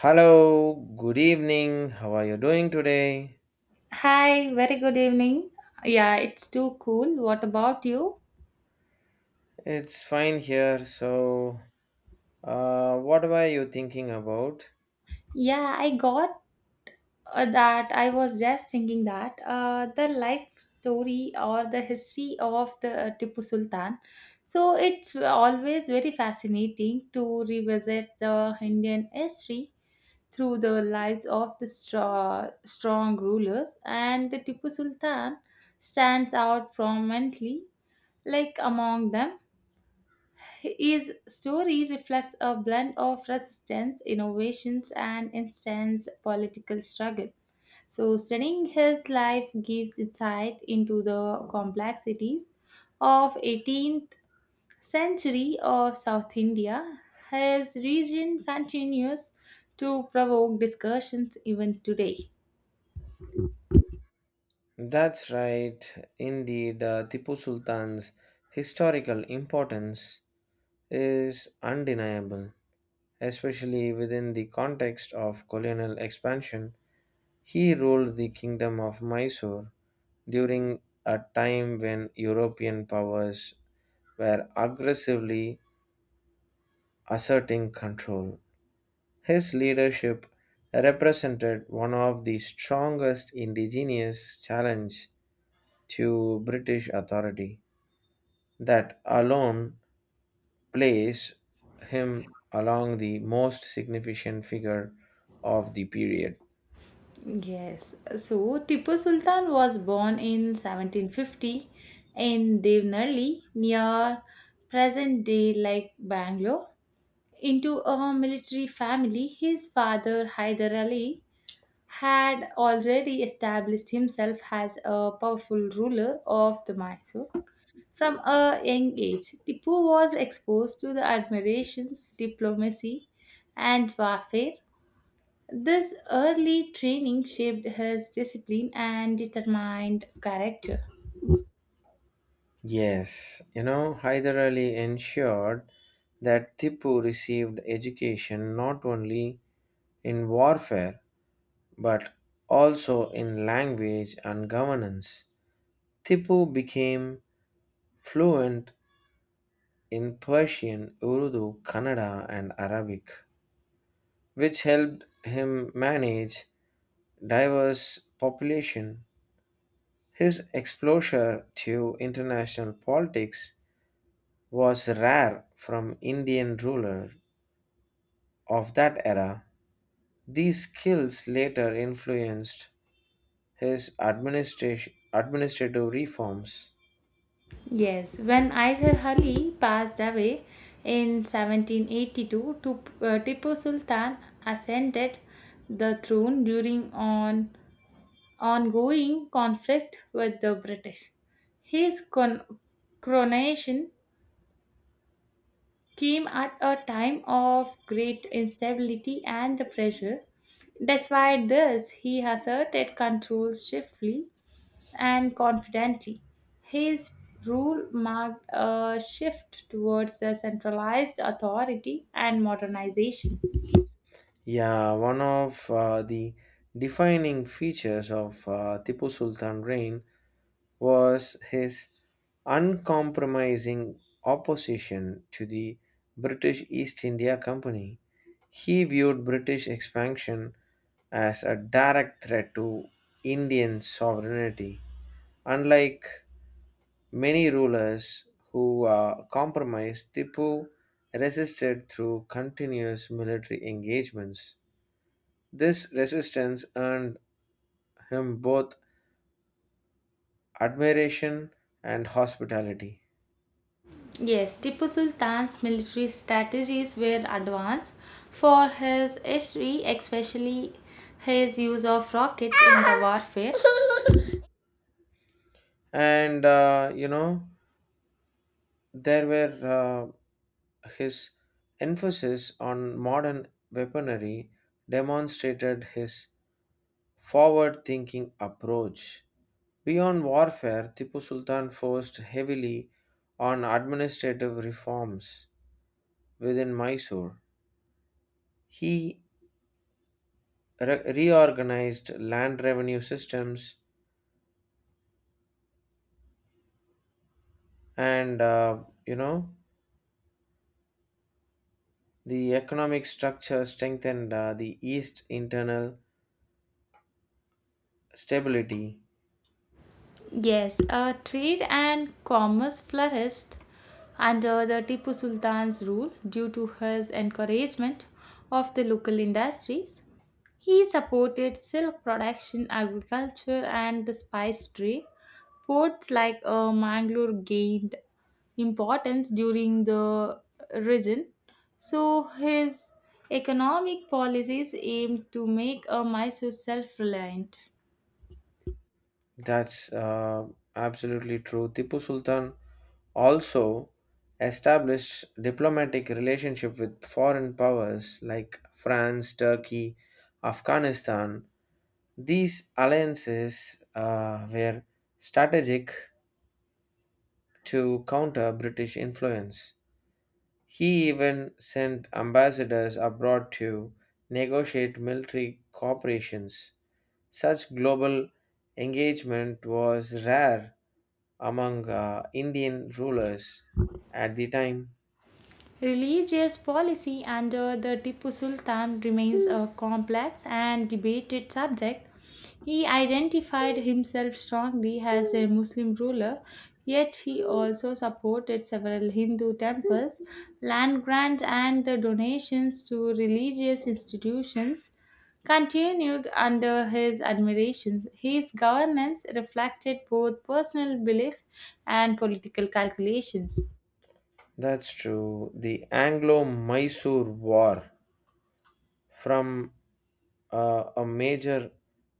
Hello, good evening. How are you doing today? Hi, very good evening. Yeah, it's too cool. What about you? It's fine here. What were you thinking about? Yeah, I got that. I was just thinking that the life story or the history of the Tipu Sultan. So it's always very fascinating to revisit the Indian history through the lives of the strong rulers, and the Tipu Sultan stands out prominently like among them. His story reflects a blend of resistance, innovations, and intense political struggle. So, studying his life gives insight into the complexities of 18th century of South India. His region continues to provoke discussions even today. That's right. Indeed, Tipu Sultan's historical importance is undeniable, especially within the context of colonial expansion. He ruled the kingdom of Mysore during a time when European powers were aggressively asserting control. His leadership represented one of the strongest indigenous challenge to British authority. That alone placed him along the most significant figure of the period. Yes. So Tipu Sultan was born in 1750 in Devanali near present day like Bangalore into a military family. His father Hyder Ali had already established himself as a powerful ruler of the Mysore. From a young age, Tipu was exposed to the admirations, diplomacy, and warfare. This early training shaped his discipline and determined character. Yes, you know, Hyder Ali ensured that Tipu received education not only in warfare but also in language and governance. Tipu became fluent in Persian, Urdu, Kannada, and Arabic, which helped him manage diverse population. His exposure to international politics was rare from Indian ruler of that era. These skills later influenced his administration administrative reforms. Yes, when Hyder Ali passed away in 1782, Tu- Tipu Sultan ascended the throne during an ongoing conflict with the British. His coronation came at a time of great instability and the pressure. Despite this, he asserted control swiftly and confidently. His rule marked a shift towards a centralized authority and modernization. Yeah, one of the defining features of Tipu Sultan reign was his uncompromising opposition to the British East India Company. He viewed British expansion as a direct threat to Indian sovereignty. Unlike many rulers who compromised, Tipu resisted through continuous military engagements. This resistance earned him both admiration and hospitality. Yes, Tipu Sultan's military strategies were advanced for his history, especially his use of rockets in the warfare. And you know there were his emphasis on modern weaponry demonstrated his forward thinking approach. Beyond warfare, Tipu Sultan forced heavily on administrative reforms within Mysore. He reorganized land revenue systems, and you know the economic structure strengthened the east internal stability. Yes, trade and commerce flourished under the Tipu Sultan's rule due to his encouragement of the local industries. He supported silk production, agriculture, and the spice trade. Ports like Mangalore gained importance during the region. So his economic policies aimed to make Mysore self-reliant. That's absolutely true. Tipu Sultan also established diplomatic relationship with foreign powers like France, Turkey, Afghanistan. These alliances were strategic to counter British influence. He even sent ambassadors abroad to negotiate military cooperations. Such global engagement was rare among Indian rulers at the time. Religious policy under the Tipu Sultan remains a complex and debated subject. He identified himself strongly as a Muslim ruler, yet he also supported several Hindu temples, land grants, and the donations to religious institutions continued under his admiration. His governance reflected both personal belief and political calculations. That's true. The Anglo Mysore War, from a major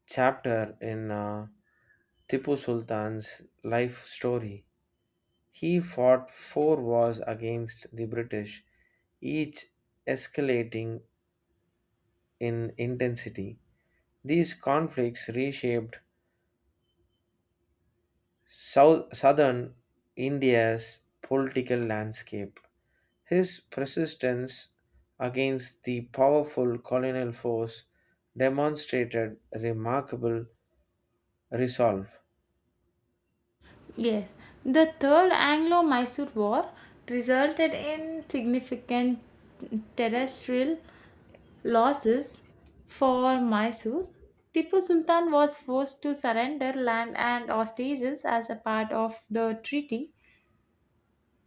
chapter in Tipu Sultan's life story. He fought four wars against the British, each escalating in intensity. These conflicts reshaped southern India's political landscape. His persistence against the powerful colonial force demonstrated remarkable resolve. Yes, the Third Anglo Mysore War resulted in significant terrestrial losses for Mysore. Tipu Sultan was forced to surrender land and hostages as a part of the treaty.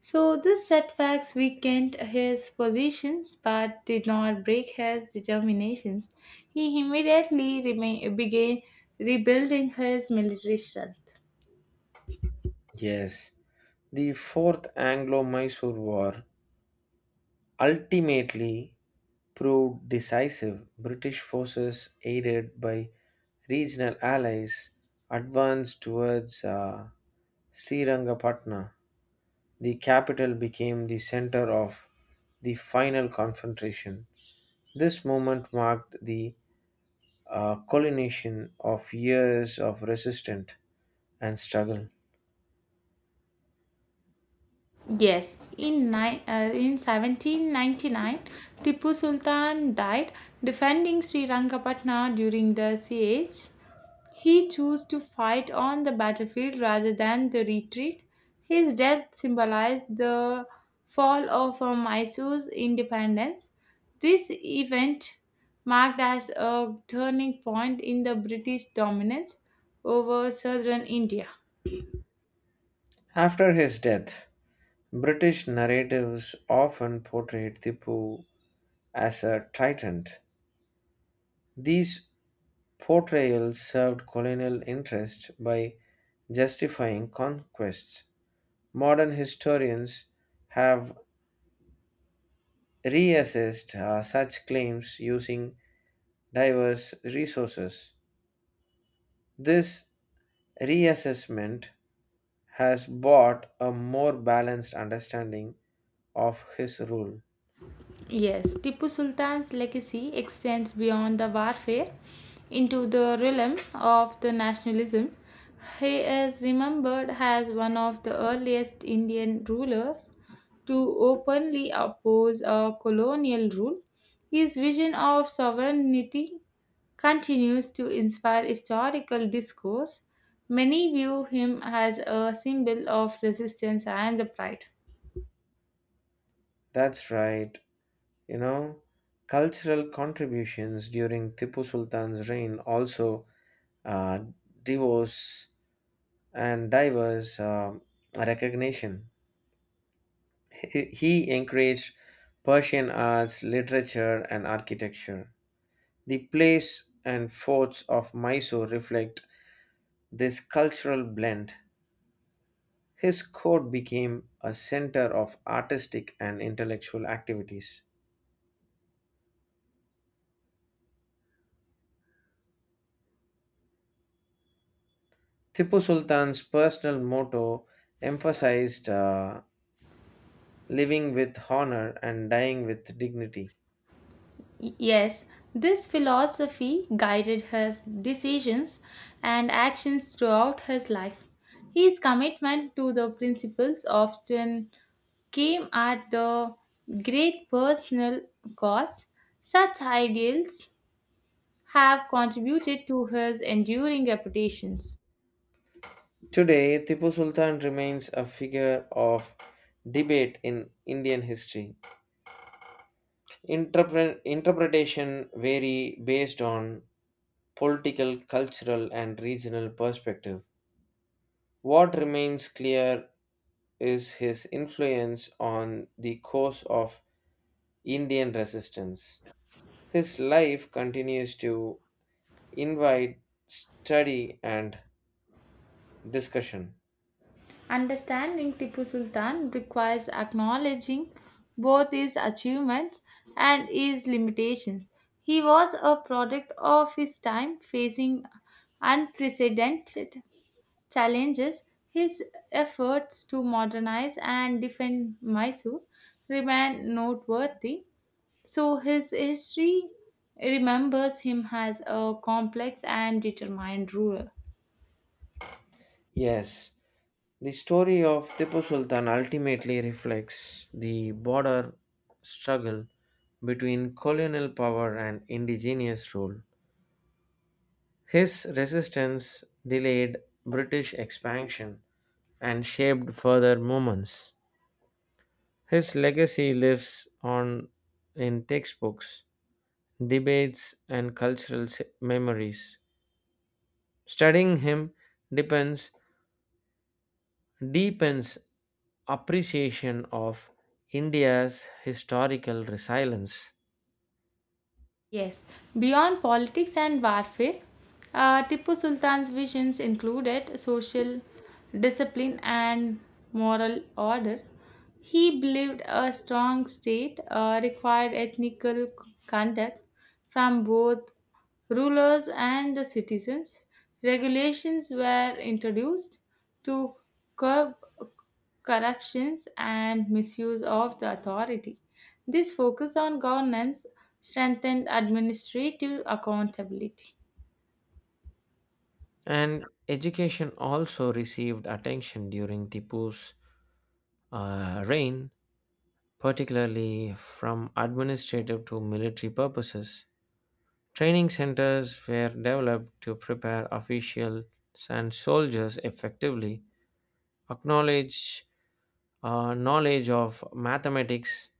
So, these setbacks weakened his positions but did not break his determinations. He immediately began rebuilding his military strength. Yes, the Fourth Anglo Mysore War ultimately proved decisive. British forces, aided by regional allies, advanced towards Srirangapatna. The capital became the center of the final confrontation. This moment marked the a culmination of years of resistance and struggle. Yes, in 1799, Tipu Sultan died defending Sri Rangapatna during the siege. He chose to fight on the battlefield rather than the retreat. His death symbolized the fall of Mysore's independence. This event marked as a turning point in the British dominance over southern India. After his death, British narratives often portrayed Tipu as a tyrant. These portrayals served colonial interests by justifying conquests. Modern historians have reassessed such claims using diverse resources. This reassessment has bought a more balanced understanding of his rule. Yes, Tipu Sultan's legacy extends beyond the warfare into the realm of the nationalism. He is remembered as one of the earliest Indian rulers to openly oppose a colonial rule. His vision of sovereignty continues to inspire historical discourse. Many view him as a symbol of resistance and the pride. That's right. You know, cultural contributions during Tipu Sultan's reign also uh, divorce and diverse recognition. He encouraged Persian arts, literature, and architecture. The place and forts of Mysore reflect this cultural blend. His court became a center of artistic and intellectual activities. Tipu Sultan's personal motto emphasized living with honor and dying with dignity. Yes, this philosophy guided his decisions and actions throughout his life. His commitment to the principles often came at the great personal cost. Such ideals have contributed to his enduring reputations. Today, Tipu Sultan remains a figure of debate in Indian history. Interpretation vary based on political, cultural, and regional perspective. What remains clear is his influence on the course of Indian resistance. His life continues to invite study and discussion. Understanding Tipu Sultan requires acknowledging both his achievements and his limitations. He was a product of his time, facing unprecedented challenges. His efforts to modernize and defend Mysore remain noteworthy, so his history remembers him as a complex and determined ruler. Yes, the story of Tipu Sultan ultimately reflects the border struggle between colonial power and indigenous rule. His resistance delayed British expansion and shaped further movements. His legacy lives on in textbooks, debates, and cultural memories. Studying him depends, deepens appreciation of India's historical resilience. Yes, beyond politics and warfare, Tipu Sultan's visions included social discipline and moral order. He believed a strong state required ethical conduct from both rulers and the citizens. Regulations were introduced to curb corruptions, and misuse of the authority. This focus on governance strengthened administrative accountability. And education also received attention during Tipu's reign, particularly from administrative to military purposes. Training centers were developed to prepare officials and soldiers effectively, acknowledge knowledge of mathematics,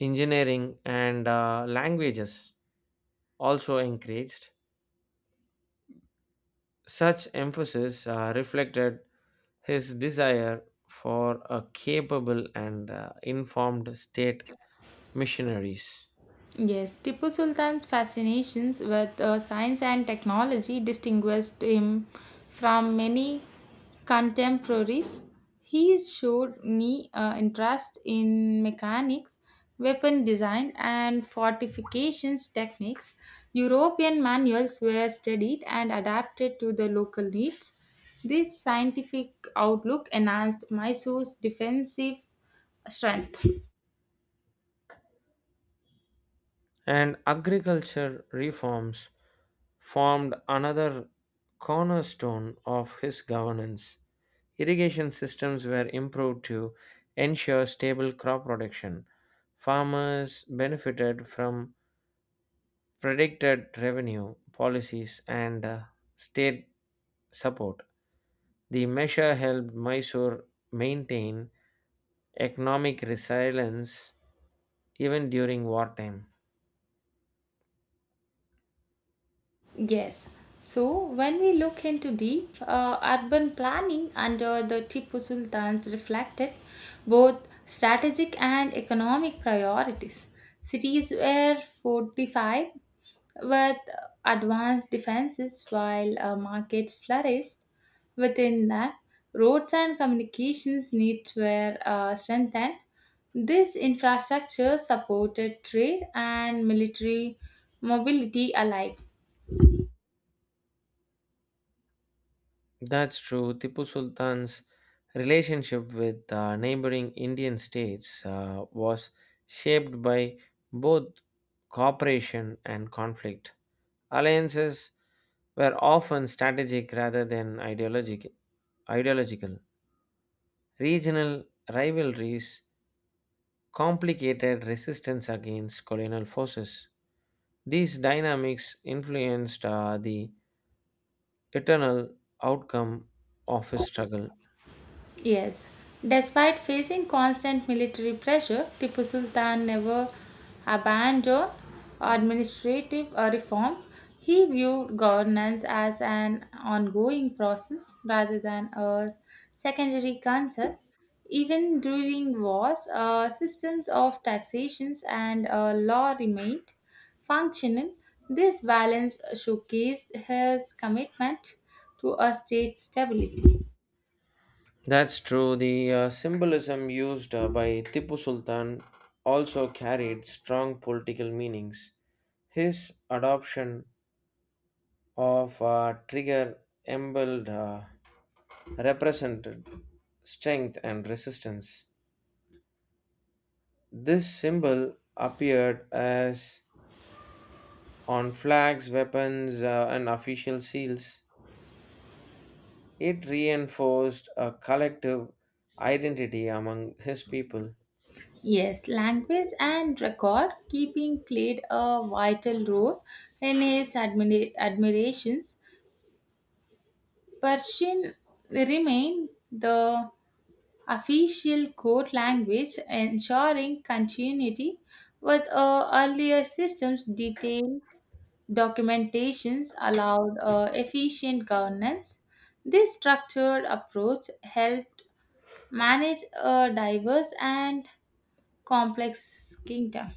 engineering, and languages also encouraged. Such emphasis reflected his desire for a capable and informed state missionaries. Yes, Tipu Sultan's fascinations with science and technology distinguished him from many contemporaries. He showed me interest in mechanics, weapon design, and fortifications techniques. European manuals were studied and adapted to the local needs. This scientific outlook enhanced Mysore's defensive strength. And agriculture reforms formed another cornerstone of his governance. Irrigation systems were improved to ensure stable crop production. Farmers benefited from predicted revenue policies and state support. The measure helped Mysore maintain economic resilience even during wartime. Yes. So when we look into deep urban planning under the Tipu Sultan's reflected both strategic and economic priorities. Cities were fortified with advanced defenses while markets flourished within that. Roads and communications needs were strengthened. This infrastructure supported trade and military mobility alike. That's true. Tipu Sultan's relationship with neighboring Indian states was shaped by both cooperation and conflict. Alliances were often strategic rather than ideological. Regional rivalries complicated resistance against colonial forces. These dynamics influenced the eternal outcome of his struggle. Yes, despite facing constant military pressure, Tipu Sultan never abandoned administrative reforms. He viewed governance as an ongoing process rather than a secondary concern. Even during wars, systems of taxations and law remained functional. This balance showcased his commitment to a state stability. That's true. The symbolism used by Tipu Sultan also carried strong political meanings. His adoption of a trigger emblem represented strength and resistance. This symbol appeared as on flags, weapons, and official seals. It reinforced a collective identity among his people. Yes, language and record keeping played a vital role in his admirations. Persian remained the official court language, ensuring continuity with earlier systems. Detailed documentations allowed efficient governance. This structured approach helped manage a diverse and complex kingdom.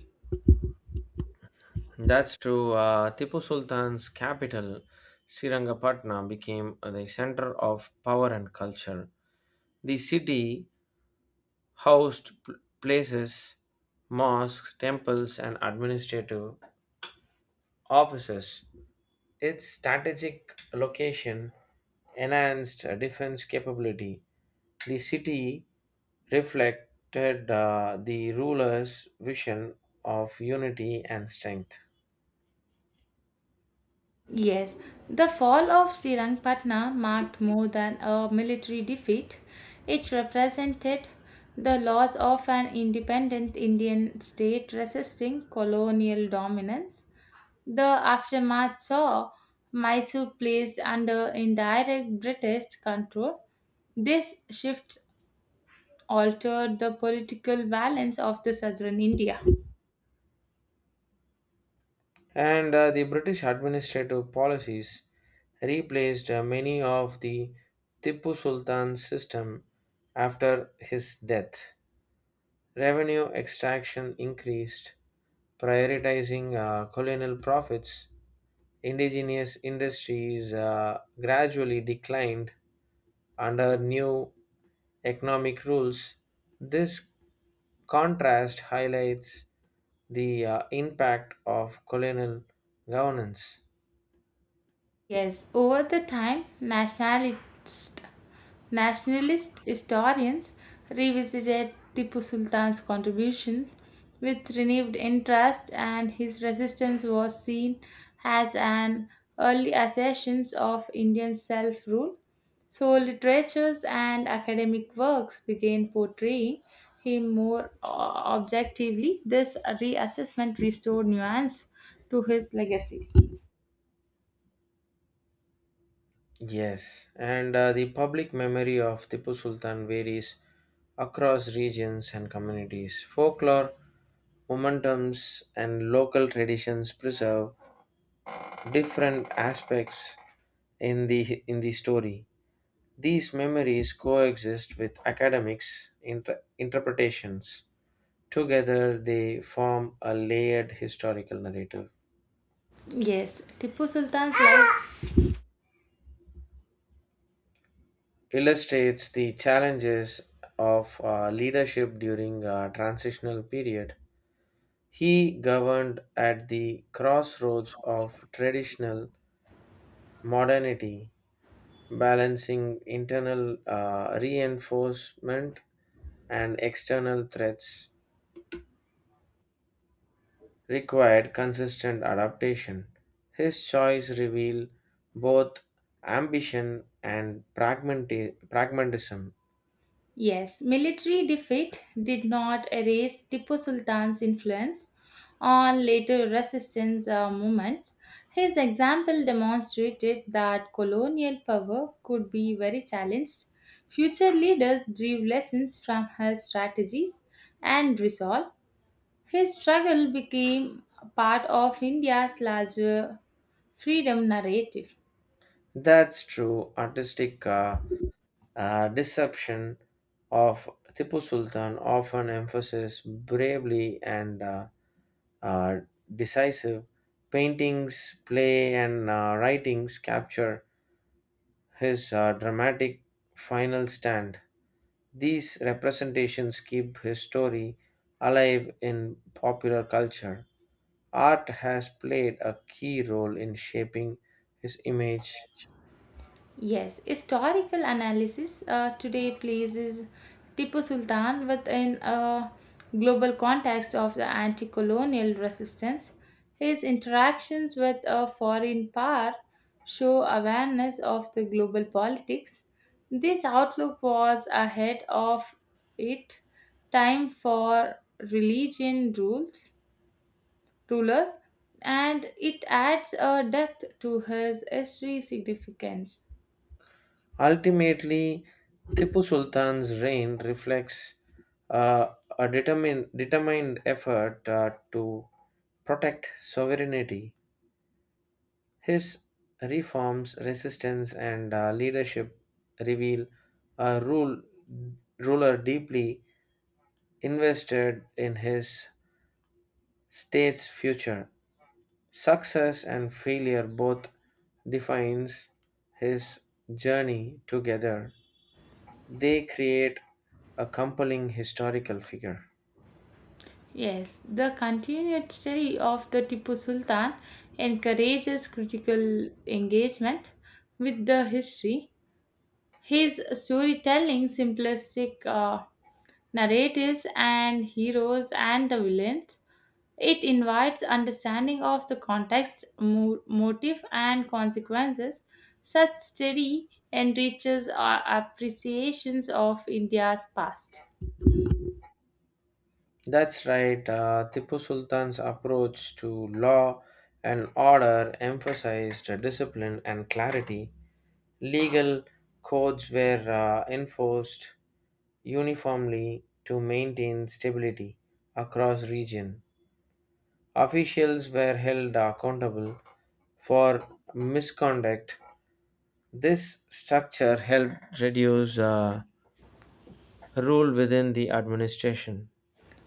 That's true. Tipu Sultan's capital, Srirangapatna, became the center of power and culture. The city housed places, mosques, temples, and administrative offices. Its strategic location enhanced defense capability. The city reflected the ruler's vision of unity and strength. Yes, the fall of Srirangpatna marked more than a military defeat. It represented the loss of an independent Indian state resisting colonial dominance. The aftermath saw Mysore placed under indirect British control. This shift altered the political balance of the southern India. And the British administrative policies replaced many of the Tipu Sultan's system after his death. Revenue extraction increased, prioritizing colonial profits. Indigenous industries gradually declined under new economic rules. This contrast highlights the impact of colonial governance. Yes, over the time, nationalist historians revisited Tipu Sultan's contribution with renewed interest, and his resistance was seen as an early assertion of Indian self rule. So, literatures and academic works began portraying him more objectively. This reassessment restored nuance to his legacy. Yes, and the public memory of Tipu Sultan varies across regions and communities. Folklore, momentums, and local traditions preserve different aspects in the story. These memories coexist with academics' interpretations. Together, they form a layered historical narrative. Yes, Tipu Sultan's life. Illustrates the challenges of leadership during a transitional period. He governed at the crossroads of traditional modernity, balancing internal reinforcement and external threats required consistent adaptation. His choice revealed both ambition and pragmatism. Yes, military defeat did not erase Tipu Sultan's influence on later resistance movements. His example demonstrated that colonial power could be very challenged. Future leaders drew lessons from his strategies and resolve. His struggle became part of India's larger freedom narrative. That's true. Artistic deception of Tipu Sultan often emphasizes bravely and uh, decisive. Paintings, play, and writings capture his dramatic final stand. These representations keep his story alive in popular culture. Art has played a key role in shaping his image. Yes, historical analysis today places Tipu Sultan within a global context of the anti colonial resistance. His interactions with a foreign power show awareness of the global politics. This outlook was ahead of it time for religion rules rulers and it adds a depth to his history significance. Ultimately, Tipu Sultan's reign reflects uh, determined effort to protect sovereignty. His reforms, resistance, and leadership reveal a rule, ruler deeply invested in his state's future. Success and failure both defines his journey together. They create a compelling historical figure. Yes, the continued study of the Tipu Sultan encourages critical engagement with the history. His storytelling, simplistic narratives, and heroes and the villains, it invites understanding of the context, motive, and consequences. Such study enriches our appreciations of India's past. That's right. Tipu Sultan's approach to law and order emphasized discipline and clarity. Legal codes were enforced uniformly to maintain stability across region. Officials were held accountable for misconduct. This structure helped reduce rule within the administration.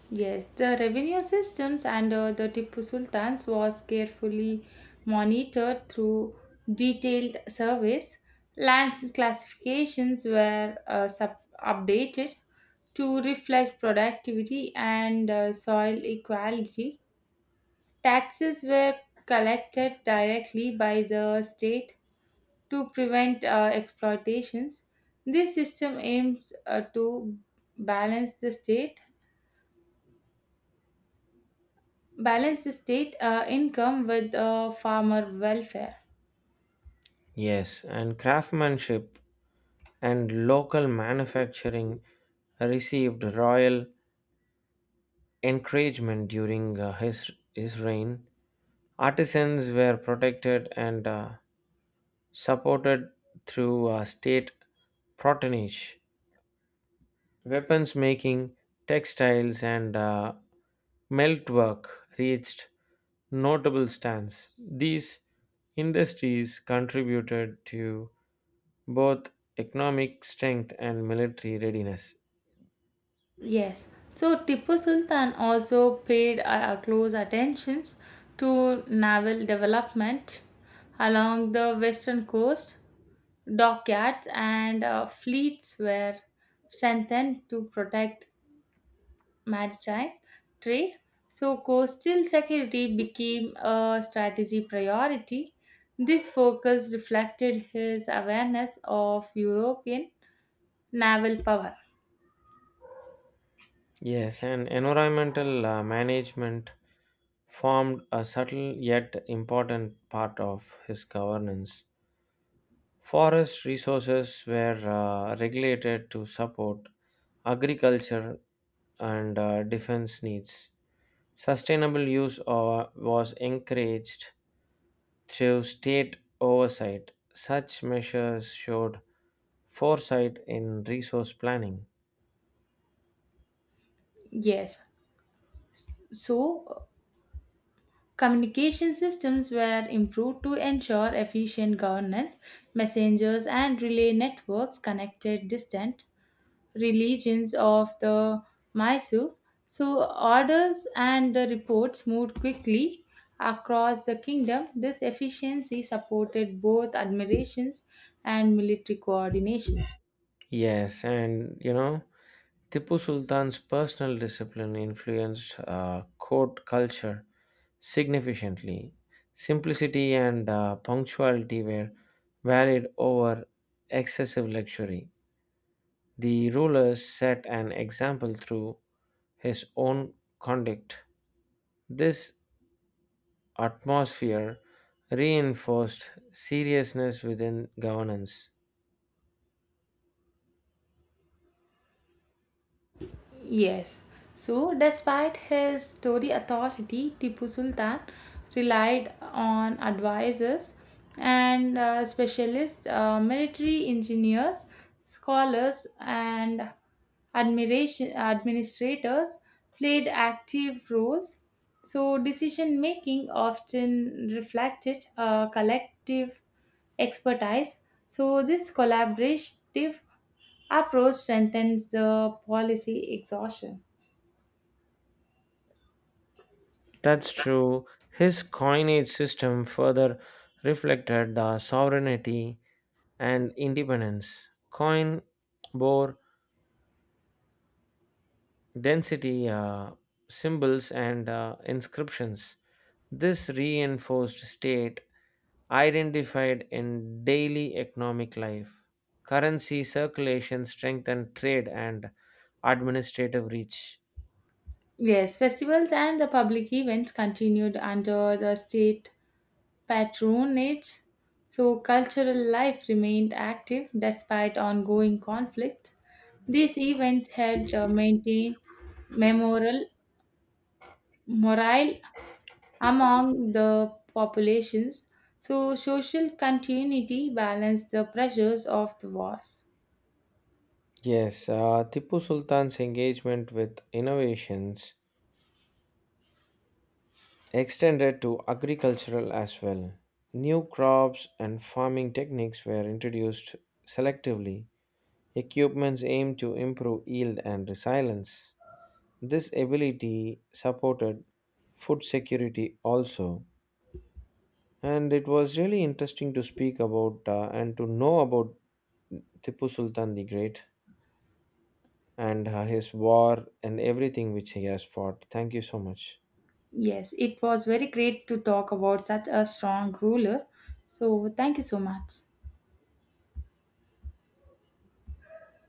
Yes, the revenue systems under the Tipu Sultan's was carefully monitored through detailed surveys. Land classifications were updated to reflect productivity and soil equality. Taxes were collected directly by the state to prevent exploitations. This system aims to balance the state balance the state income with farmer welfare. Yes, and craftsmanship and local manufacturing received royal encouragement during his reign. Artisans were protected and supported through state patronage. Weapons making, textiles, and melt work reached notable stands. These industries contributed to both economic strength and military readiness. Yes, so Tipu Sultan also paid close attentions to naval development along the western coast. Dockyards and fleets were strengthened to protect maritime trade. So, coastal security became a strategy priority. This focus reflected his awareness of European naval power. Yes, and environmental management formed a subtle yet important part of his governance. Forest resources were regulated to support agriculture and defense needs. Sustainable use was encouraged through state oversight. Such measures showed foresight in resource planning. Yes. So, communication systems were improved to ensure efficient governance. Messengers and relay networks connected distant regions of the Mysore. So, orders and the reports moved quickly across the kingdom. This efficiency supported both admirations and military coordination. Yes, and you know, Tipu Sultan's personal discipline influenced court culture significantly. Simplicity and punctuality were valued over excessive luxury. The ruler set an example through his own conduct. This atmosphere reinforced seriousness within governance. Yes. So, despite his story authority, Tipu Sultan relied on advisors and specialists, military engineers, scholars, and admiration administrators played active roles. So, decision making often reflected a collective expertise. So, this collaborative approach strengthens the policy exhaustion. That's true. His coinage system further reflected the sovereignty and independence. Coin bore density symbols and inscriptions. This reinforced state identified in daily economic life. Currency circulation strengthened trade and administrative reach. Yes, festivals and the public events continued under the state patronage, so cultural life remained active despite ongoing conflicts. These events helped maintain memorial morale among the populations, so social continuity balanced the pressures of the wars. Yes, Tipu Sultan's engagement with innovations extended to agricultural as well. New crops and farming techniques were introduced selectively. Equipments aim to improve yield and resilience. This ability supported food security also. And it was really interesting to speak about and to know about Tipu Sultan the Great and his war and everything which he has fought. Thank you so much. Yes, it was very great to talk about such a strong ruler. So, thank you so much.